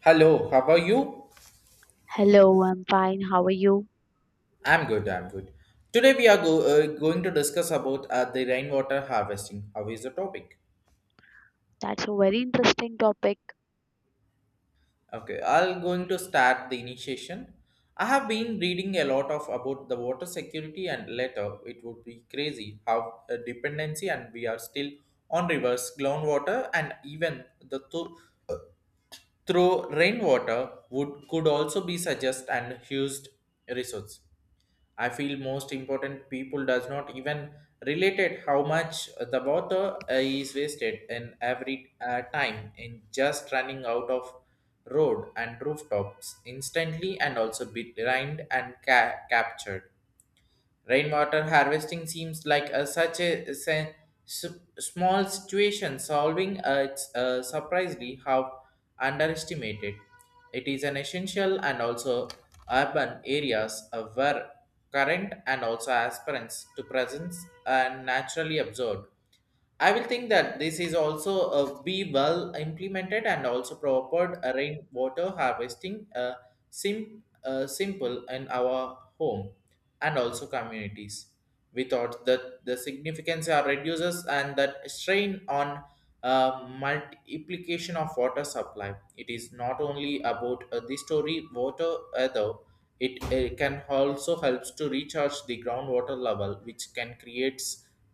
Hello, how are you? Hello, I'm fine. How are you? I'm good. Today we are going to discuss about the rainwater harvesting. How is the topic? That's a very interesting topic. Okay, I'll going to start the initiation. I have been reading a lot of about the water security and later it would be crazy how a dependency and we are still on rivers, groundwater and even through rainwater would could also be suggest and used resource. I feel most important people does not even related how much the water is wasted in every time in just running out of road and rooftops instantly and also be drained and captured. Rainwater harvesting seems like a, such a, se- s- small situation solving. It's surprisingly how underestimated. It is an essential and also urban areas where current and also aspirants to presence are naturally absorbed. I will think that this is also be well implemented and also proper rainwater harvesting simple in our home and also communities. We thought that the significance are reduces and that strain on multiplication of water supply. It is not only about the story water. It can also helps to recharge the groundwater level, which can create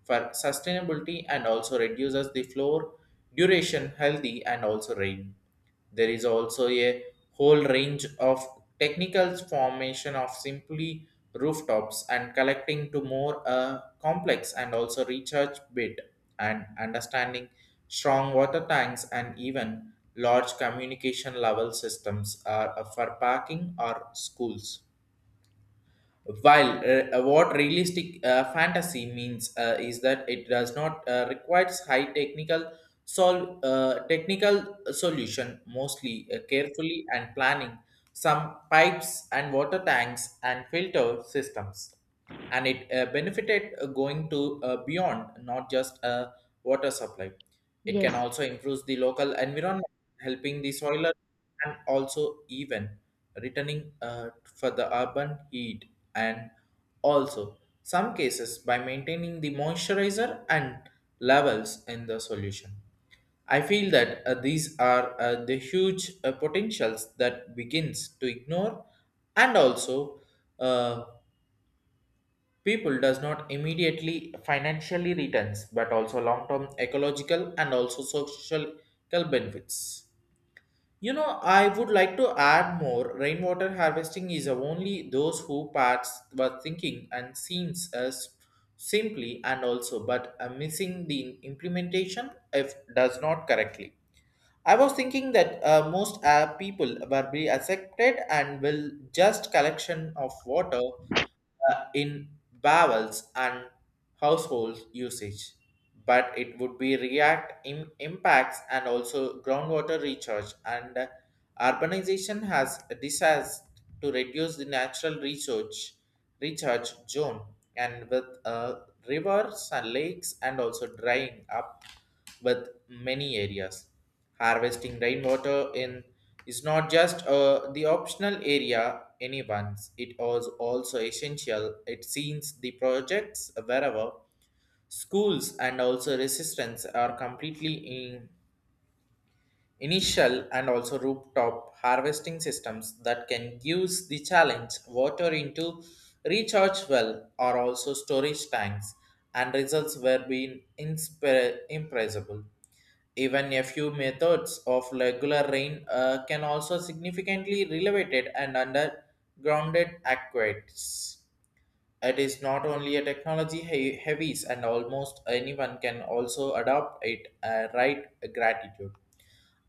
for sustainability and also reduces the floor duration healthy and also rain. There is also a whole range of technical formation of simply rooftops and collecting to more complex and also recharge bit and understanding strong water tanks and even large communication level systems are for parking or schools while what realistic fantasy means is that it does not requires high technical solve technical solution mostly carefully and planning some pipes and water tanks and filter systems, and it benefited going to beyond not just a water supply. It can Yes, also improve the local environment, helping the soiler and also even returning for the urban heat and also some cases by maintaining the moisturizer and levels in the solution. I feel that these are the huge potentials that begins to ignore, and also uh, people does not immediately financially returns, but also long term ecological and also social benefits. You know, I would like to add more. Rainwater harvesting is only those who parts were thinking and seems as simply and also, but missing the implementation if does not correctly. I was thinking that most people were be accepted and will just collection of water in barrels and household usage, but it would be react impacts and also groundwater recharge and urbanization has decided to reduce the natural research recharge zone and with rivers and lakes and also drying up with many areas. Harvesting rainwater in is not just the optional area anyone's. It was also essential. It seems the projects wherever schools and also resistance are completely in initial and also rooftop harvesting systems that can use the challenge water into recharge well or also storage tanks, and results were being impressible. Even a few methods of regular rain can also significantly elevated and undergrounded aqueducts. It is not only a technology heavies and almost anyone can also adopt it. Right gratitude.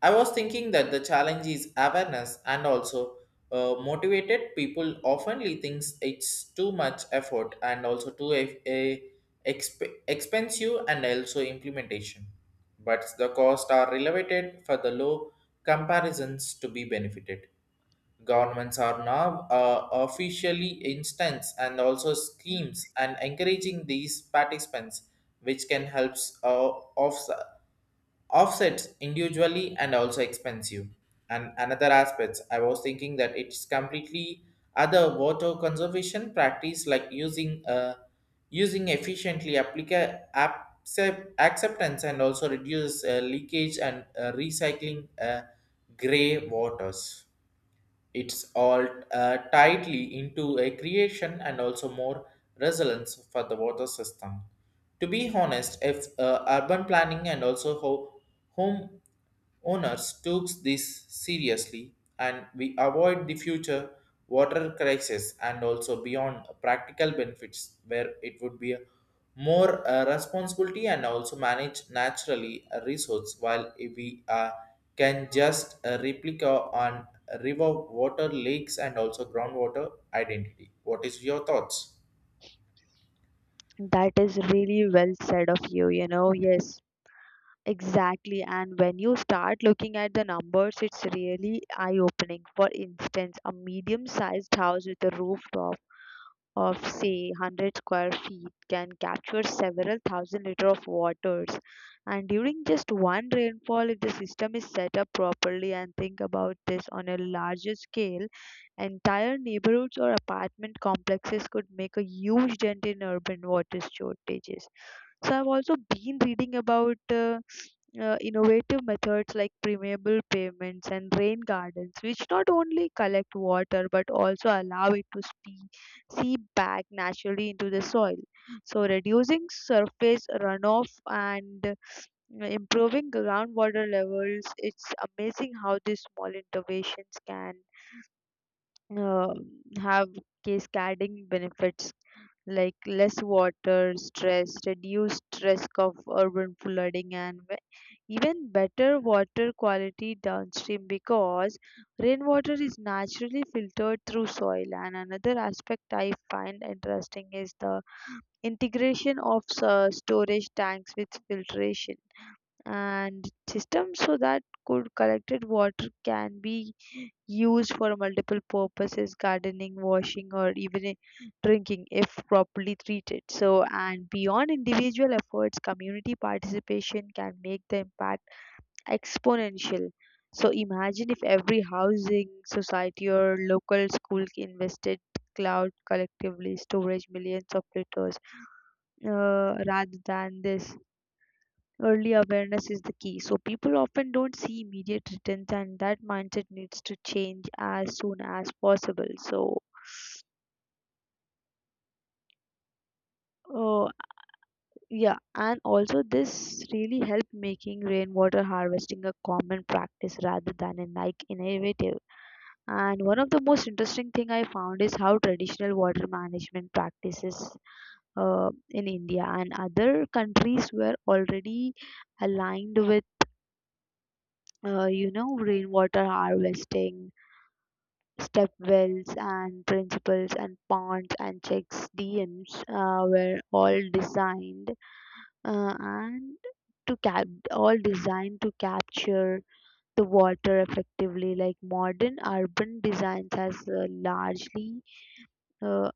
I was thinking that the challenge is awareness and also motivated people oftenly thinks it's too much effort and also too a, expensive and also implementation. But the costs are elevated for the low comparisons to be benefited. Governments are now officially instance and also schemes and encouraging these participants, which can help uh, off- offsets individually and also expensive. And another aspect, I was thinking that it's completely other water conservation practice like using using efficiently acceptance and also reduce leakage and recycling gray waters. It's all tightly into a creation and also more resilience for the water system. To be honest, if urban planning and also home owners took this seriously and we avoid the future water crisis and also beyond practical benefits where it would be a more responsibility and also manage naturally a resource while if we can just replica on river water lakes and also groundwater identity. What is your thoughts? that is really well said of you, you know. Yes, exactly. And when you start looking at the numbers, it's really eye-opening. For instance, a medium-sized house with a rooftop of say 100 square feet can capture several thousand liter of waters, and during just one rainfall if the system is set up properly. And think about this on a larger scale: entire neighborhoods or apartment complexes could make a huge dent in urban water shortages. So I've also been reading about uh, innovative methods like permeable pavements and rain gardens, which not only collect water but also allow it to speed seep back naturally into the soil. So, reducing surface runoff and improving groundwater levels, it's amazing how these small interventions can uh, have cascading benefits like less water stress, reduced risk of urban flooding, and even better water quality downstream, because rainwater is naturally filtered through soil. And another aspect I find interesting is the integration of storage tanks with filtration and system, so that could collected water can be used for multiple purposes: gardening, washing, or even drinking if properly treated. So, and beyond individual efforts, community participation can make the impact exponential. So imagine if every housing society or local school invested cloud collectively storage millions of liters, rather than this. Early awareness is the key. So people often don't see immediate returns, and that mindset needs to change as soon as possible. So, uh, yeah, and also this really helped making rainwater harvesting a common practice rather than a like innovative. And one of the most interesting thing I found is how traditional water management practices in India and other countries were already aligned with rainwater harvesting. Step wells and principles and ponds and checks dms were all designed and to cap all designed to capture the water effectively, like modern urban designs has largely uh,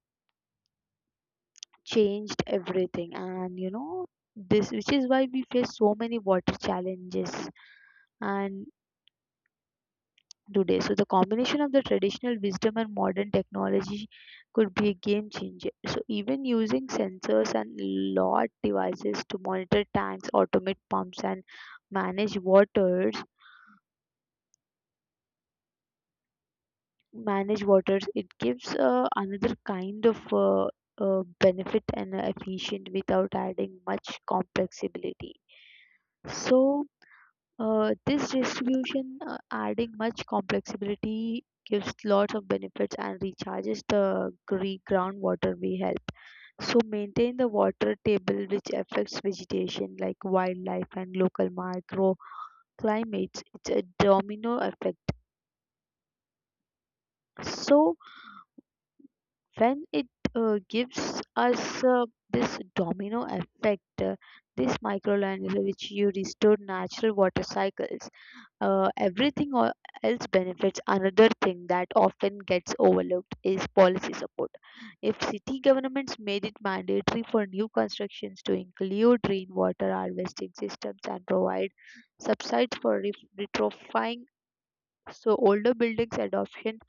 changed everything. And you know, this which is why we face so many water challenges and today. So the combination of the traditional wisdom and modern technology could be a game changer. So even using sensors and lot devices to monitor tanks, automate pumps, and manage waters, manage waters, it gives another kind of benefit and efficient without adding much complexity. So, this distribution, adding much complexity gives lots of benefits and recharges the groundwater we help. So maintain the water table, which affects vegetation like wildlife and local microclimates. It's a domino effect. So when it gives us this domino effect, this microland which you restore natural water cycles, everything else benefits. Another thing that often gets overlooked is policy support. If city governments made it mandatory for new constructions to include rainwater harvesting systems and provide subsides for retrofitting, so older buildings adoption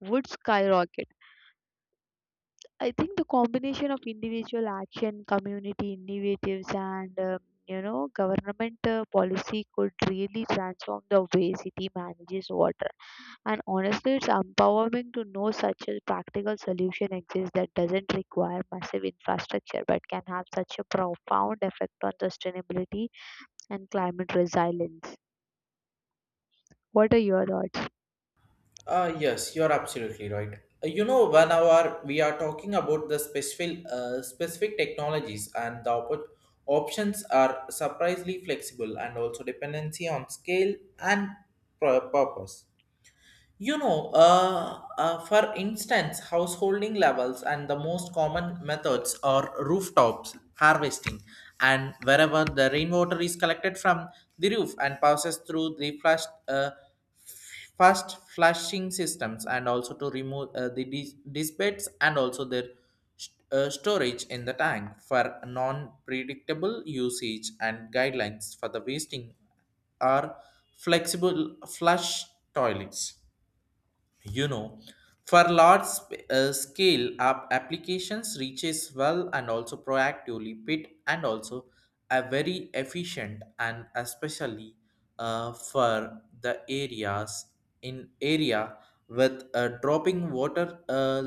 would skyrocket. I think the combination of individual action, community initiatives, and government policy could really transform the way city manages water. And honestly, it's empowering to know such a practical solution exists that doesn't require massive infrastructure, but can have such a profound effect on sustainability and climate resilience. What are your thoughts? Yes, you're absolutely right. You know, when our we are talking about the specific technologies and the options are surprisingly flexible and also dependency on scale and purpose. You know, for instance, householding levels and the most common methods are rooftops harvesting, and wherever the rainwater is collected from the roof and passes through the flash. Fast flashing systems and also to remove the dispatch and also their storage in the tank for non-predictable usage and guidelines for the wasting are flexible flush toilets. You know, for large scale applications reaches well and also proactively bit and also are very efficient and especially for the area with dropping water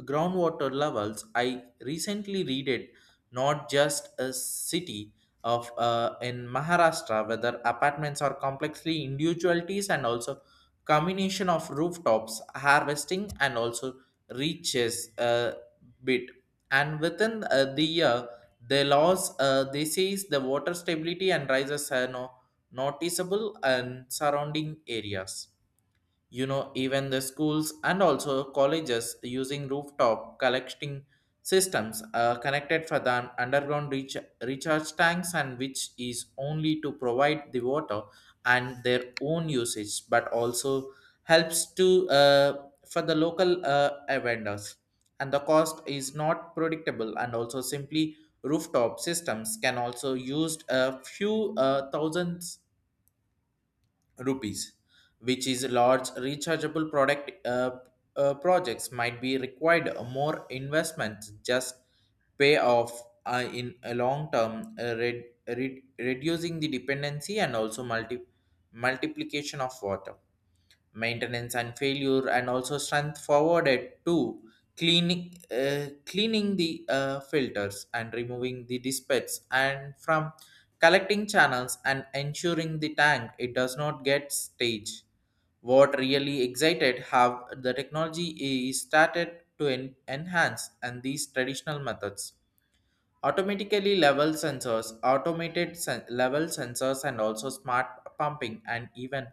groundwater levels. I recently read it not just a city of in Maharashtra, whether apartments are complexly individualities and also combination of rooftops, harvesting and also reaches a bit. And within the year, the laws they says the water stability and rises are no, noticeable and surrounding areas. You know, even the schools and also colleges using rooftop collecting systems connected for the underground recharge tanks and which is only to provide the water and their own usage but also helps to for the local vendors. And the cost is not predictable and also simply rooftop systems can also used a few thousands rupees, which is large rechargeable product projects might be required more investments just pay off in a long term, reducing the dependency and also multiplication of water maintenance and failure and also strength forwarded to cleaning the filters and removing the dispatches and from collecting channels and ensuring the tank it does not get stage. What really excited how the technology is started to enhance and these traditional methods automatically level sensors level sensors and also smart pumping and even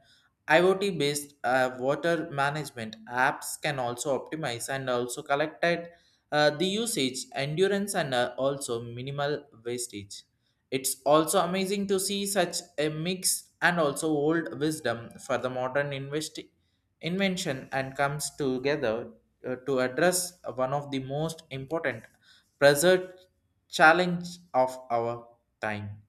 iot based water management apps can also optimize and also collected the usage endurance and also minimal wastage. It's also amazing to see such a mix and also old wisdom for the modern invention and comes together to address one of the most important present challenge of our time.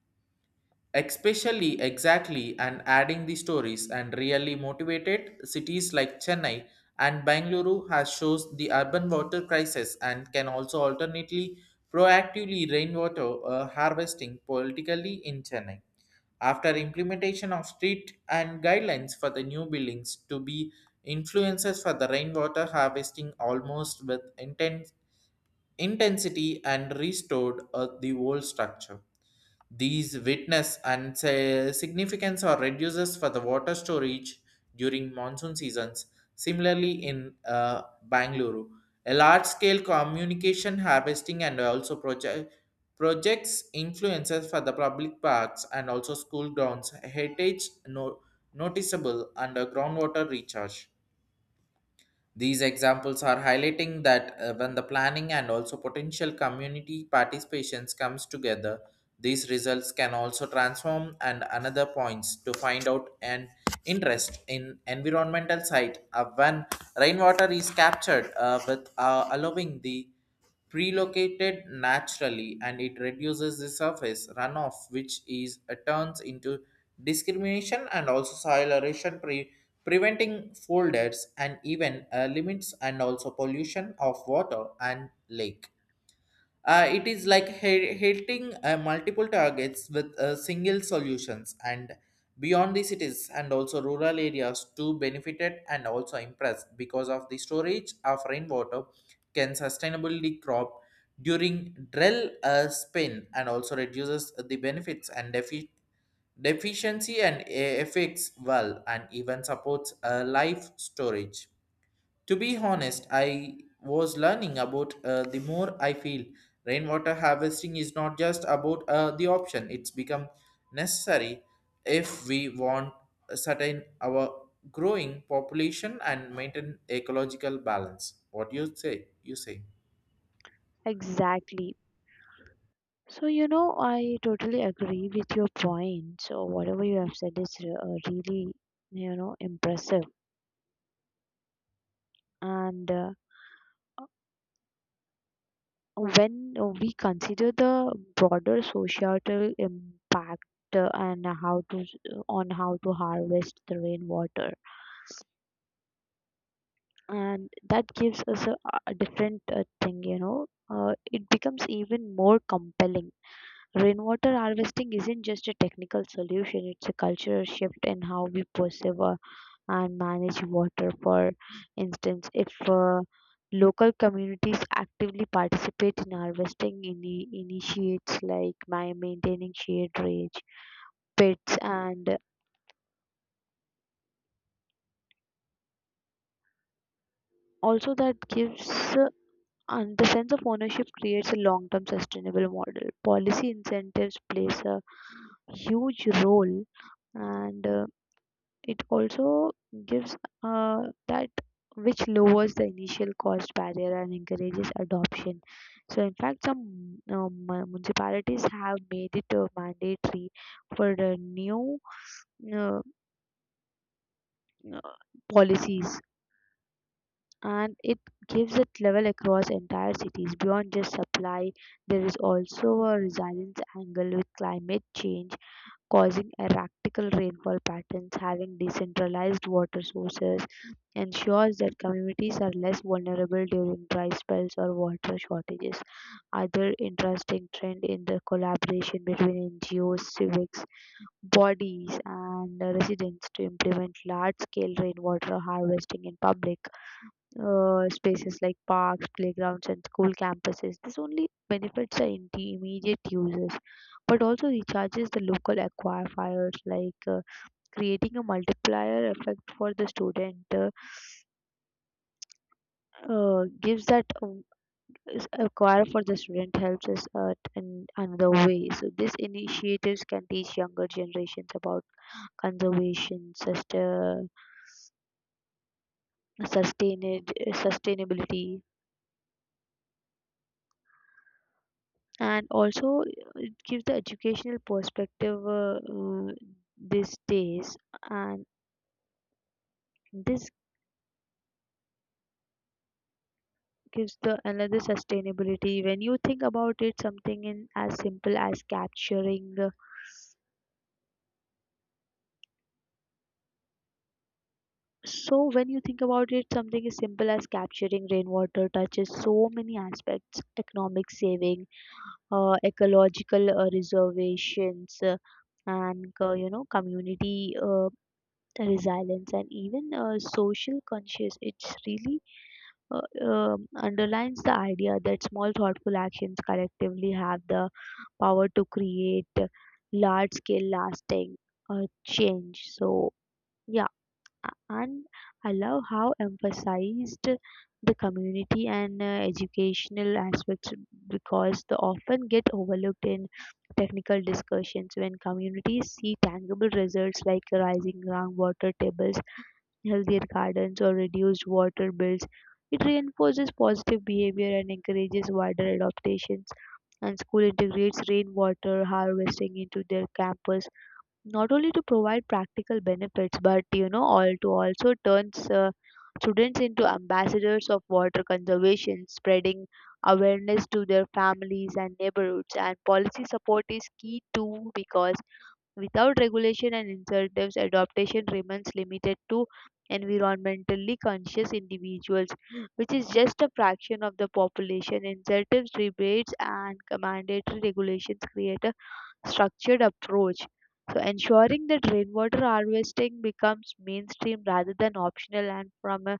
Especially exactly and adding the stories and really motivated cities like Chennai and Bangalore has shows the urban water crisis and can also alternately proactively rainwater harvesting politically in Chennai after implementation of street and guidelines for the new buildings to be influences for the rainwater harvesting almost with intent intensity and restored the old structure. These witness and say, significance or reduces for the water storage during monsoon seasons. Similarly, in Bangalore, a large-scale communication harvesting and also projects influences for the public parks and also school grounds heritage noticeable under groundwater recharge. These examples are highlighting that when the planning and also potential community participations comes together, these results can also transform and another points to find out an interest in environmental site when rainwater is captured with allowing the prelocated naturally and it reduces the surface runoff which is turns into discrimination and also soil erosion preventing folders and even limits and also pollution of water and lake. It is like hitting multiple targets with single solutions, and beyond the cities and also rural areas too benefited and also impressed because of the storage of rainwater can sustainably crop during drill spin and also reduces the benefits and deficiency and effects well and even supports life storage. To be honest, I was learning about the more I feel rainwater harvesting is not just about the option, it's become necessary if we want a certain our growing population and maintain ecological balance. What do you say? You say. Exactly. So, you know, I totally agree with your point. So, whatever you have said is really, you know, impressive. And when we consider the broader societal impact and how to s- on how to harvest the rainwater, and that gives us a different thing, you know, it becomes even more compelling. Rainwater harvesting isn't just a technical solution; it's a cultural shift in how we perceive our and manage water. For instance, if local communities actively participate in harvesting initiates like by maintaining shade range, pits, and also that gives uh, and the sense of ownership creates a long-term sustainable model. Policy incentives plays a huge role and. It also gives uh, that which lowers the initial cost barrier and encourages adoption. So, in fact, some municipalities have made it mandatory for the new uh, uh, policies, and it gives it level across entire cities beyond just supply. There is also a resilience angle with climate change causing erratical rainfall patterns. Having decentralized water sources ensures that communities are less vulnerable during dry spells or water shortages. Other interesting trend in the collaboration between NGOs, civics bodies, and residents to implement large-scale rainwater harvesting in public spaces like parks, playgrounds, and school campuses. This only benefits the immediate users, but also recharges the local aquifers, like creating a multiplier effect for the student. Gives that is acquire for the student helps us at in another way. So these initiatives can teach younger generations about conservation, sustained, sustainability, and also it gives the educational perspective these days, and this gives the another sustainability when you think about it something in as simple as capturing so when you think about it something as simple as capturing rainwater touches so many aspects: economic saving, ecological reservations, and you know community resilience, and even social conscious. It's really underlines the idea that small thoughtful actions collectively have the power to create large scale lasting change. So yeah, and I love how emphasized the community and educational aspects, because they often get overlooked in technical discussions. When communities see tangible results like rising groundwater tables, healthier gardens, or reduced water bills, it reinforces positive behavior and encourages wider adaptations. And school integrates rainwater harvesting into their campus, not only to provide practical benefits, but you know, all to also turns students into ambassadors of water conservation, spreading awareness to their families and neighborhoods. And policy support is key too, because without regulation and incentives, adoption remains limited to environmentally conscious individuals, which is just a fraction of the population. Incentives, rebates, and mandatory regulations create a structured approach. So, ensuring that rainwater harvesting becomes mainstream rather than optional, and from a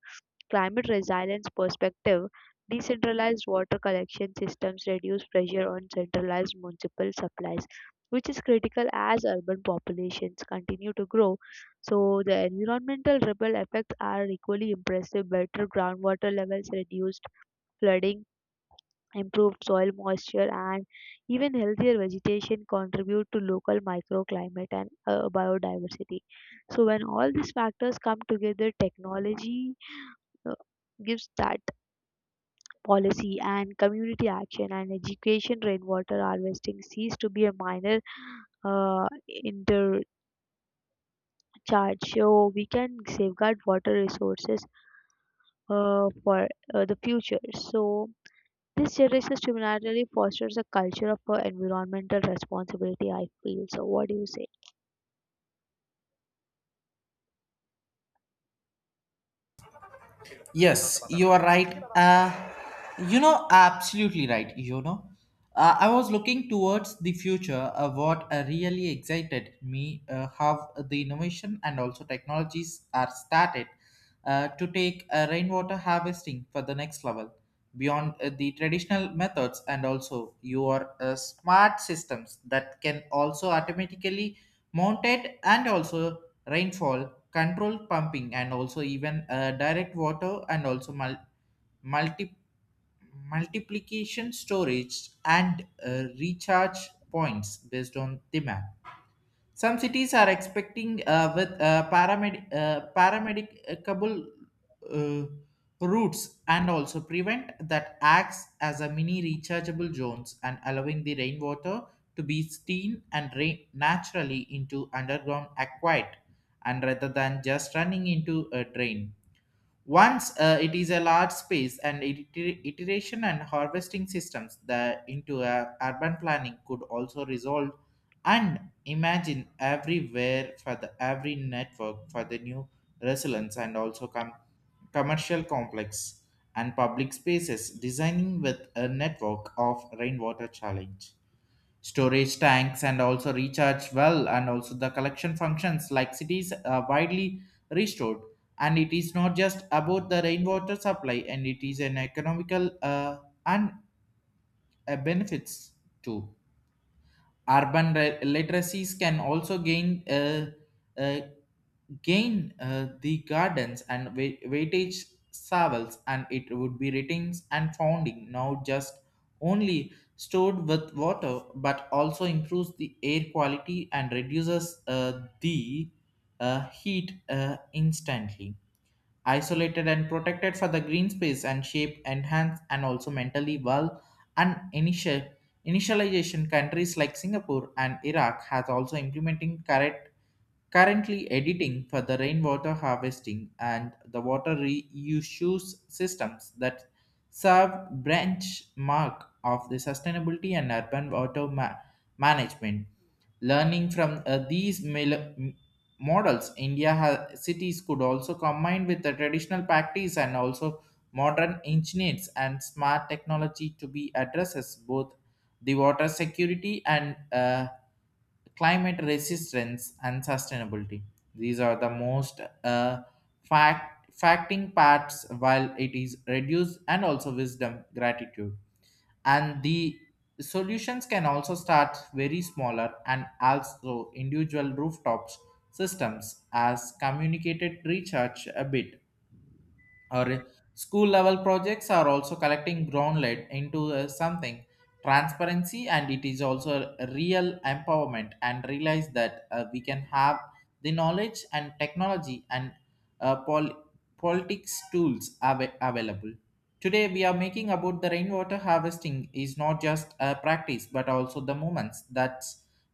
climate resilience perspective, decentralized water collection systems reduce pressure on centralized municipal supplies, which is critical as urban populations continue to grow. So, the environmental ripple effects are equally impressive. Better groundwater levels, reduced flooding, improved soil moisture, and even healthier vegetation contribute to local microclimate and biodiversity. So, when all these factors come together, technology uh, gives that policy and community action and education, rainwater harvesting cease to be a minor uh, intercharge, so we can safeguard water resources for the future. So this generation similarly fosters a culture of environmental responsibility, I feel. So what do you say? Yes, you are right. You know, absolutely right. You know, I was looking towards the future. What really excited me, how the innovation and also technologies are started to take rainwater harvesting for the next level beyond the traditional methods and also your smart systems that can also automatically mounted and also rainfall, controlled pumping, and also even direct water and also multi- multiplication storage and recharge points based on demand. Some cities are expecting with paramedicable uh, routes and also prevent that acts as a mini rechargeable zones and allowing the rainwater to be steamed and rain naturally into underground aquite and rather than just running into a drain once it is a large space and iteration and harvesting systems that into a urban planning could also resolve and imagine everywhere for the every network for the new resilience and also commercial complex and public spaces designing with a network of rainwater challenge storage tanks and also recharge well and also the collection functions like cities are widely restored. And it is not just about the rainwater supply, and it is an economical and benefits too. Urban literacies can also uh, gain the gardens and weightage saddles, and it would be retains and founding now just only stored with water, but also improves the air quality and reduces the heat instantly isolated and protected for the green space and shape enhance and also mentally well. And initialization countries like Singapore and Iraq has also implementing correct. Currently editing for the rainwater harvesting and the water reuse systems that serve benchmark of the sustainability and urban water management. Learning from these models, India cities could also combine with the traditional practice and also modern engineers and smart technology to be addresses both the water security and climate resistance and sustainability. These are the most fact facting parts while it is reduce and also wisdom gratitude. And the solutions can also start very smaller, and also individual rooftops systems as communicated recharge a bit, or school level projects are also collecting groundlet into something transparency. And it is also a real empowerment, and realize that we can have the knowledge and technology and uh, pol- politics tools available today. We are making about the rainwater harvesting is not just a practice, but also the moments that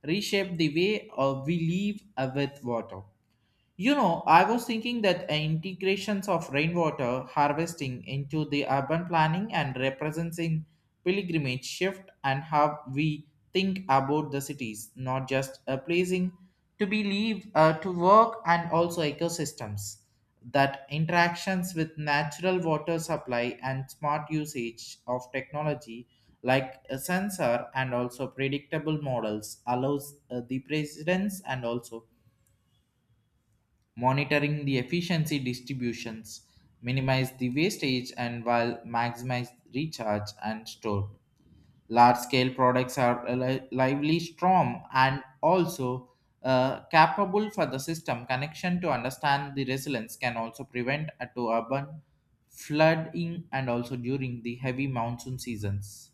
reshape the way we live with water. You know, I was thinking that integrations of rainwater harvesting into the urban planning and representing pilgrimage shift, and how we think about the cities, not just a placing to be live, to work, and also ecosystems. That interactions with natural water supply and smart usage of technology like a sensor and also predictable models allows the presidents and also monitoring the efficiency distributions, minimize the wastage and while maximize recharge and store. Large scale products are lively strong, and also capable for the system connection to understand the resilience, can also prevent a to urban flooding, and also during the heavy monsoon seasons,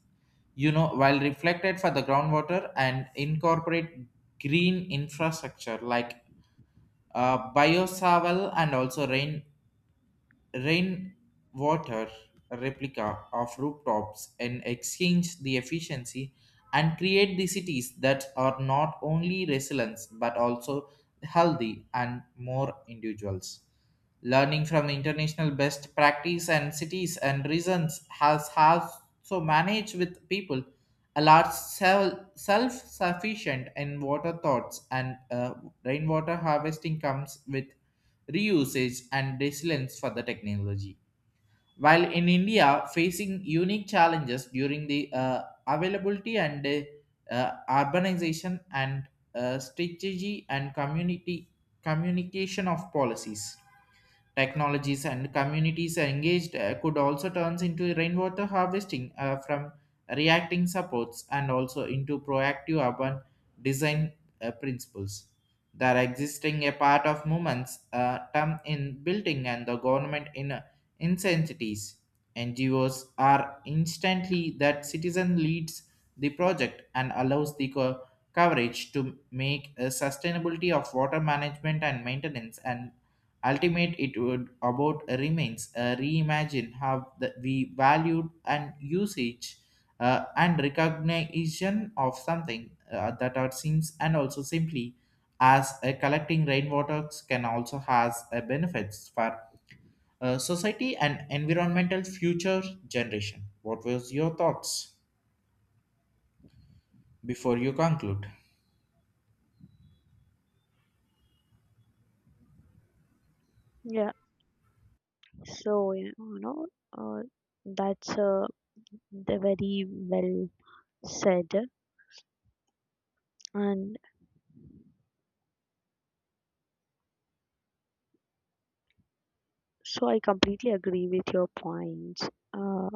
you know, while reflected for the groundwater and incorporate green infrastructure like Biosaval and also rainwater replica of rooftops and exchange the efficiency, and create the cities that are not only resilient, but also healthy and more individuals. Learning from the international best practice and cities and reasons has so managed with people a large self sufficient in water thoughts. And rainwater harvesting comes with reusage and resilience for the technology. While in India, facing unique challenges during the availability and urbanization and strategy and community communication of policies, technologies and communities are engaged, could also turn into rainwater harvesting from reacting supports, and also into proactive urban design principles. There are existing a part of movements term in building, and the government in incentives. NGOs are instantly that citizen leads the project, and allows the coverage to make a sustainability of water management and maintenance. And ultimate, it would about remains reimagine how the, we valued and usage, and recognition of something that are seems and also simply as collecting rainwaters can also has benefits for society and environmental future generation. What was your thoughts before you conclude? Yeah, so yeah, you know, uh, that's the very well said, and so I completely agree with your points. uh,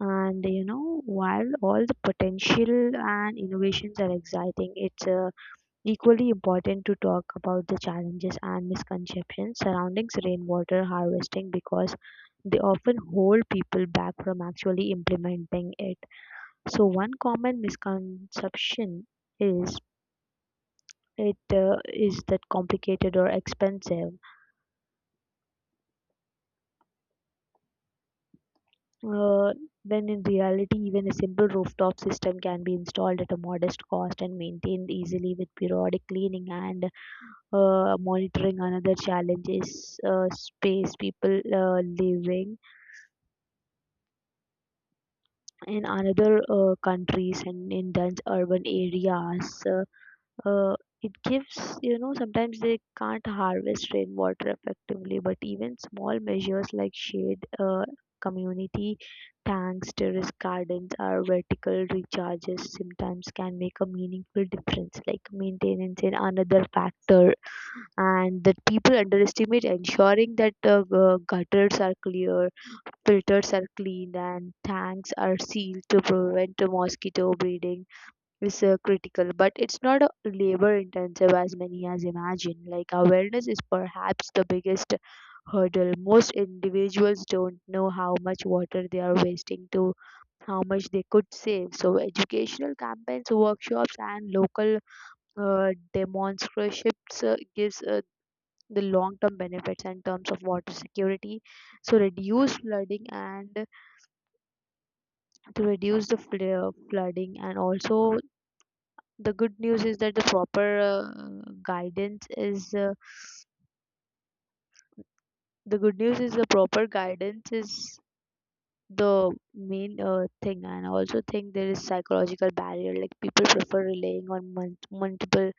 and you know, while all the potential and innovations are exciting, it's equally important to talk about the challenges and misconceptions surrounding rainwater harvesting, because they often hold people back from actually implementing it. So one common misconception is it is that complicated or expensive. Uh, when in reality, even a simple rooftop system can be installed at a modest cost and maintained easily with periodic cleaning and monitoring. Another challenge is space. People living in another countries and in dense urban areas, uh, it gives you know sometimes they can't harvest rainwater effectively, but even small measures like shade, community tanks, terrace gardens, or vertical recharges sometimes can make a meaningful difference. Like maintenance in another factor and that people underestimate, ensuring that gutters are clear, filters are cleaned, and tanks are sealed to prevent mosquito breeding is critical, but it's not a labor intensive as many as imagine. Like awareness is perhaps the biggest hurdle. Most individuals don't know how much water they are wasting to how much they could save. So educational campaigns, workshops, and local demonstrationships gives the long-term benefits in terms of water security. So reduce flooding and to reduce the flooding, and also the good news is that the proper guidance is the good news is the proper guidance is the main thing. And I also think there is psychological barrier, like people prefer relying on multiple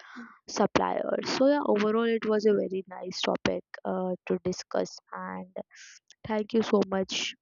suppliers. So yeah, overall it was a very nice topic to discuss, and thank you so much.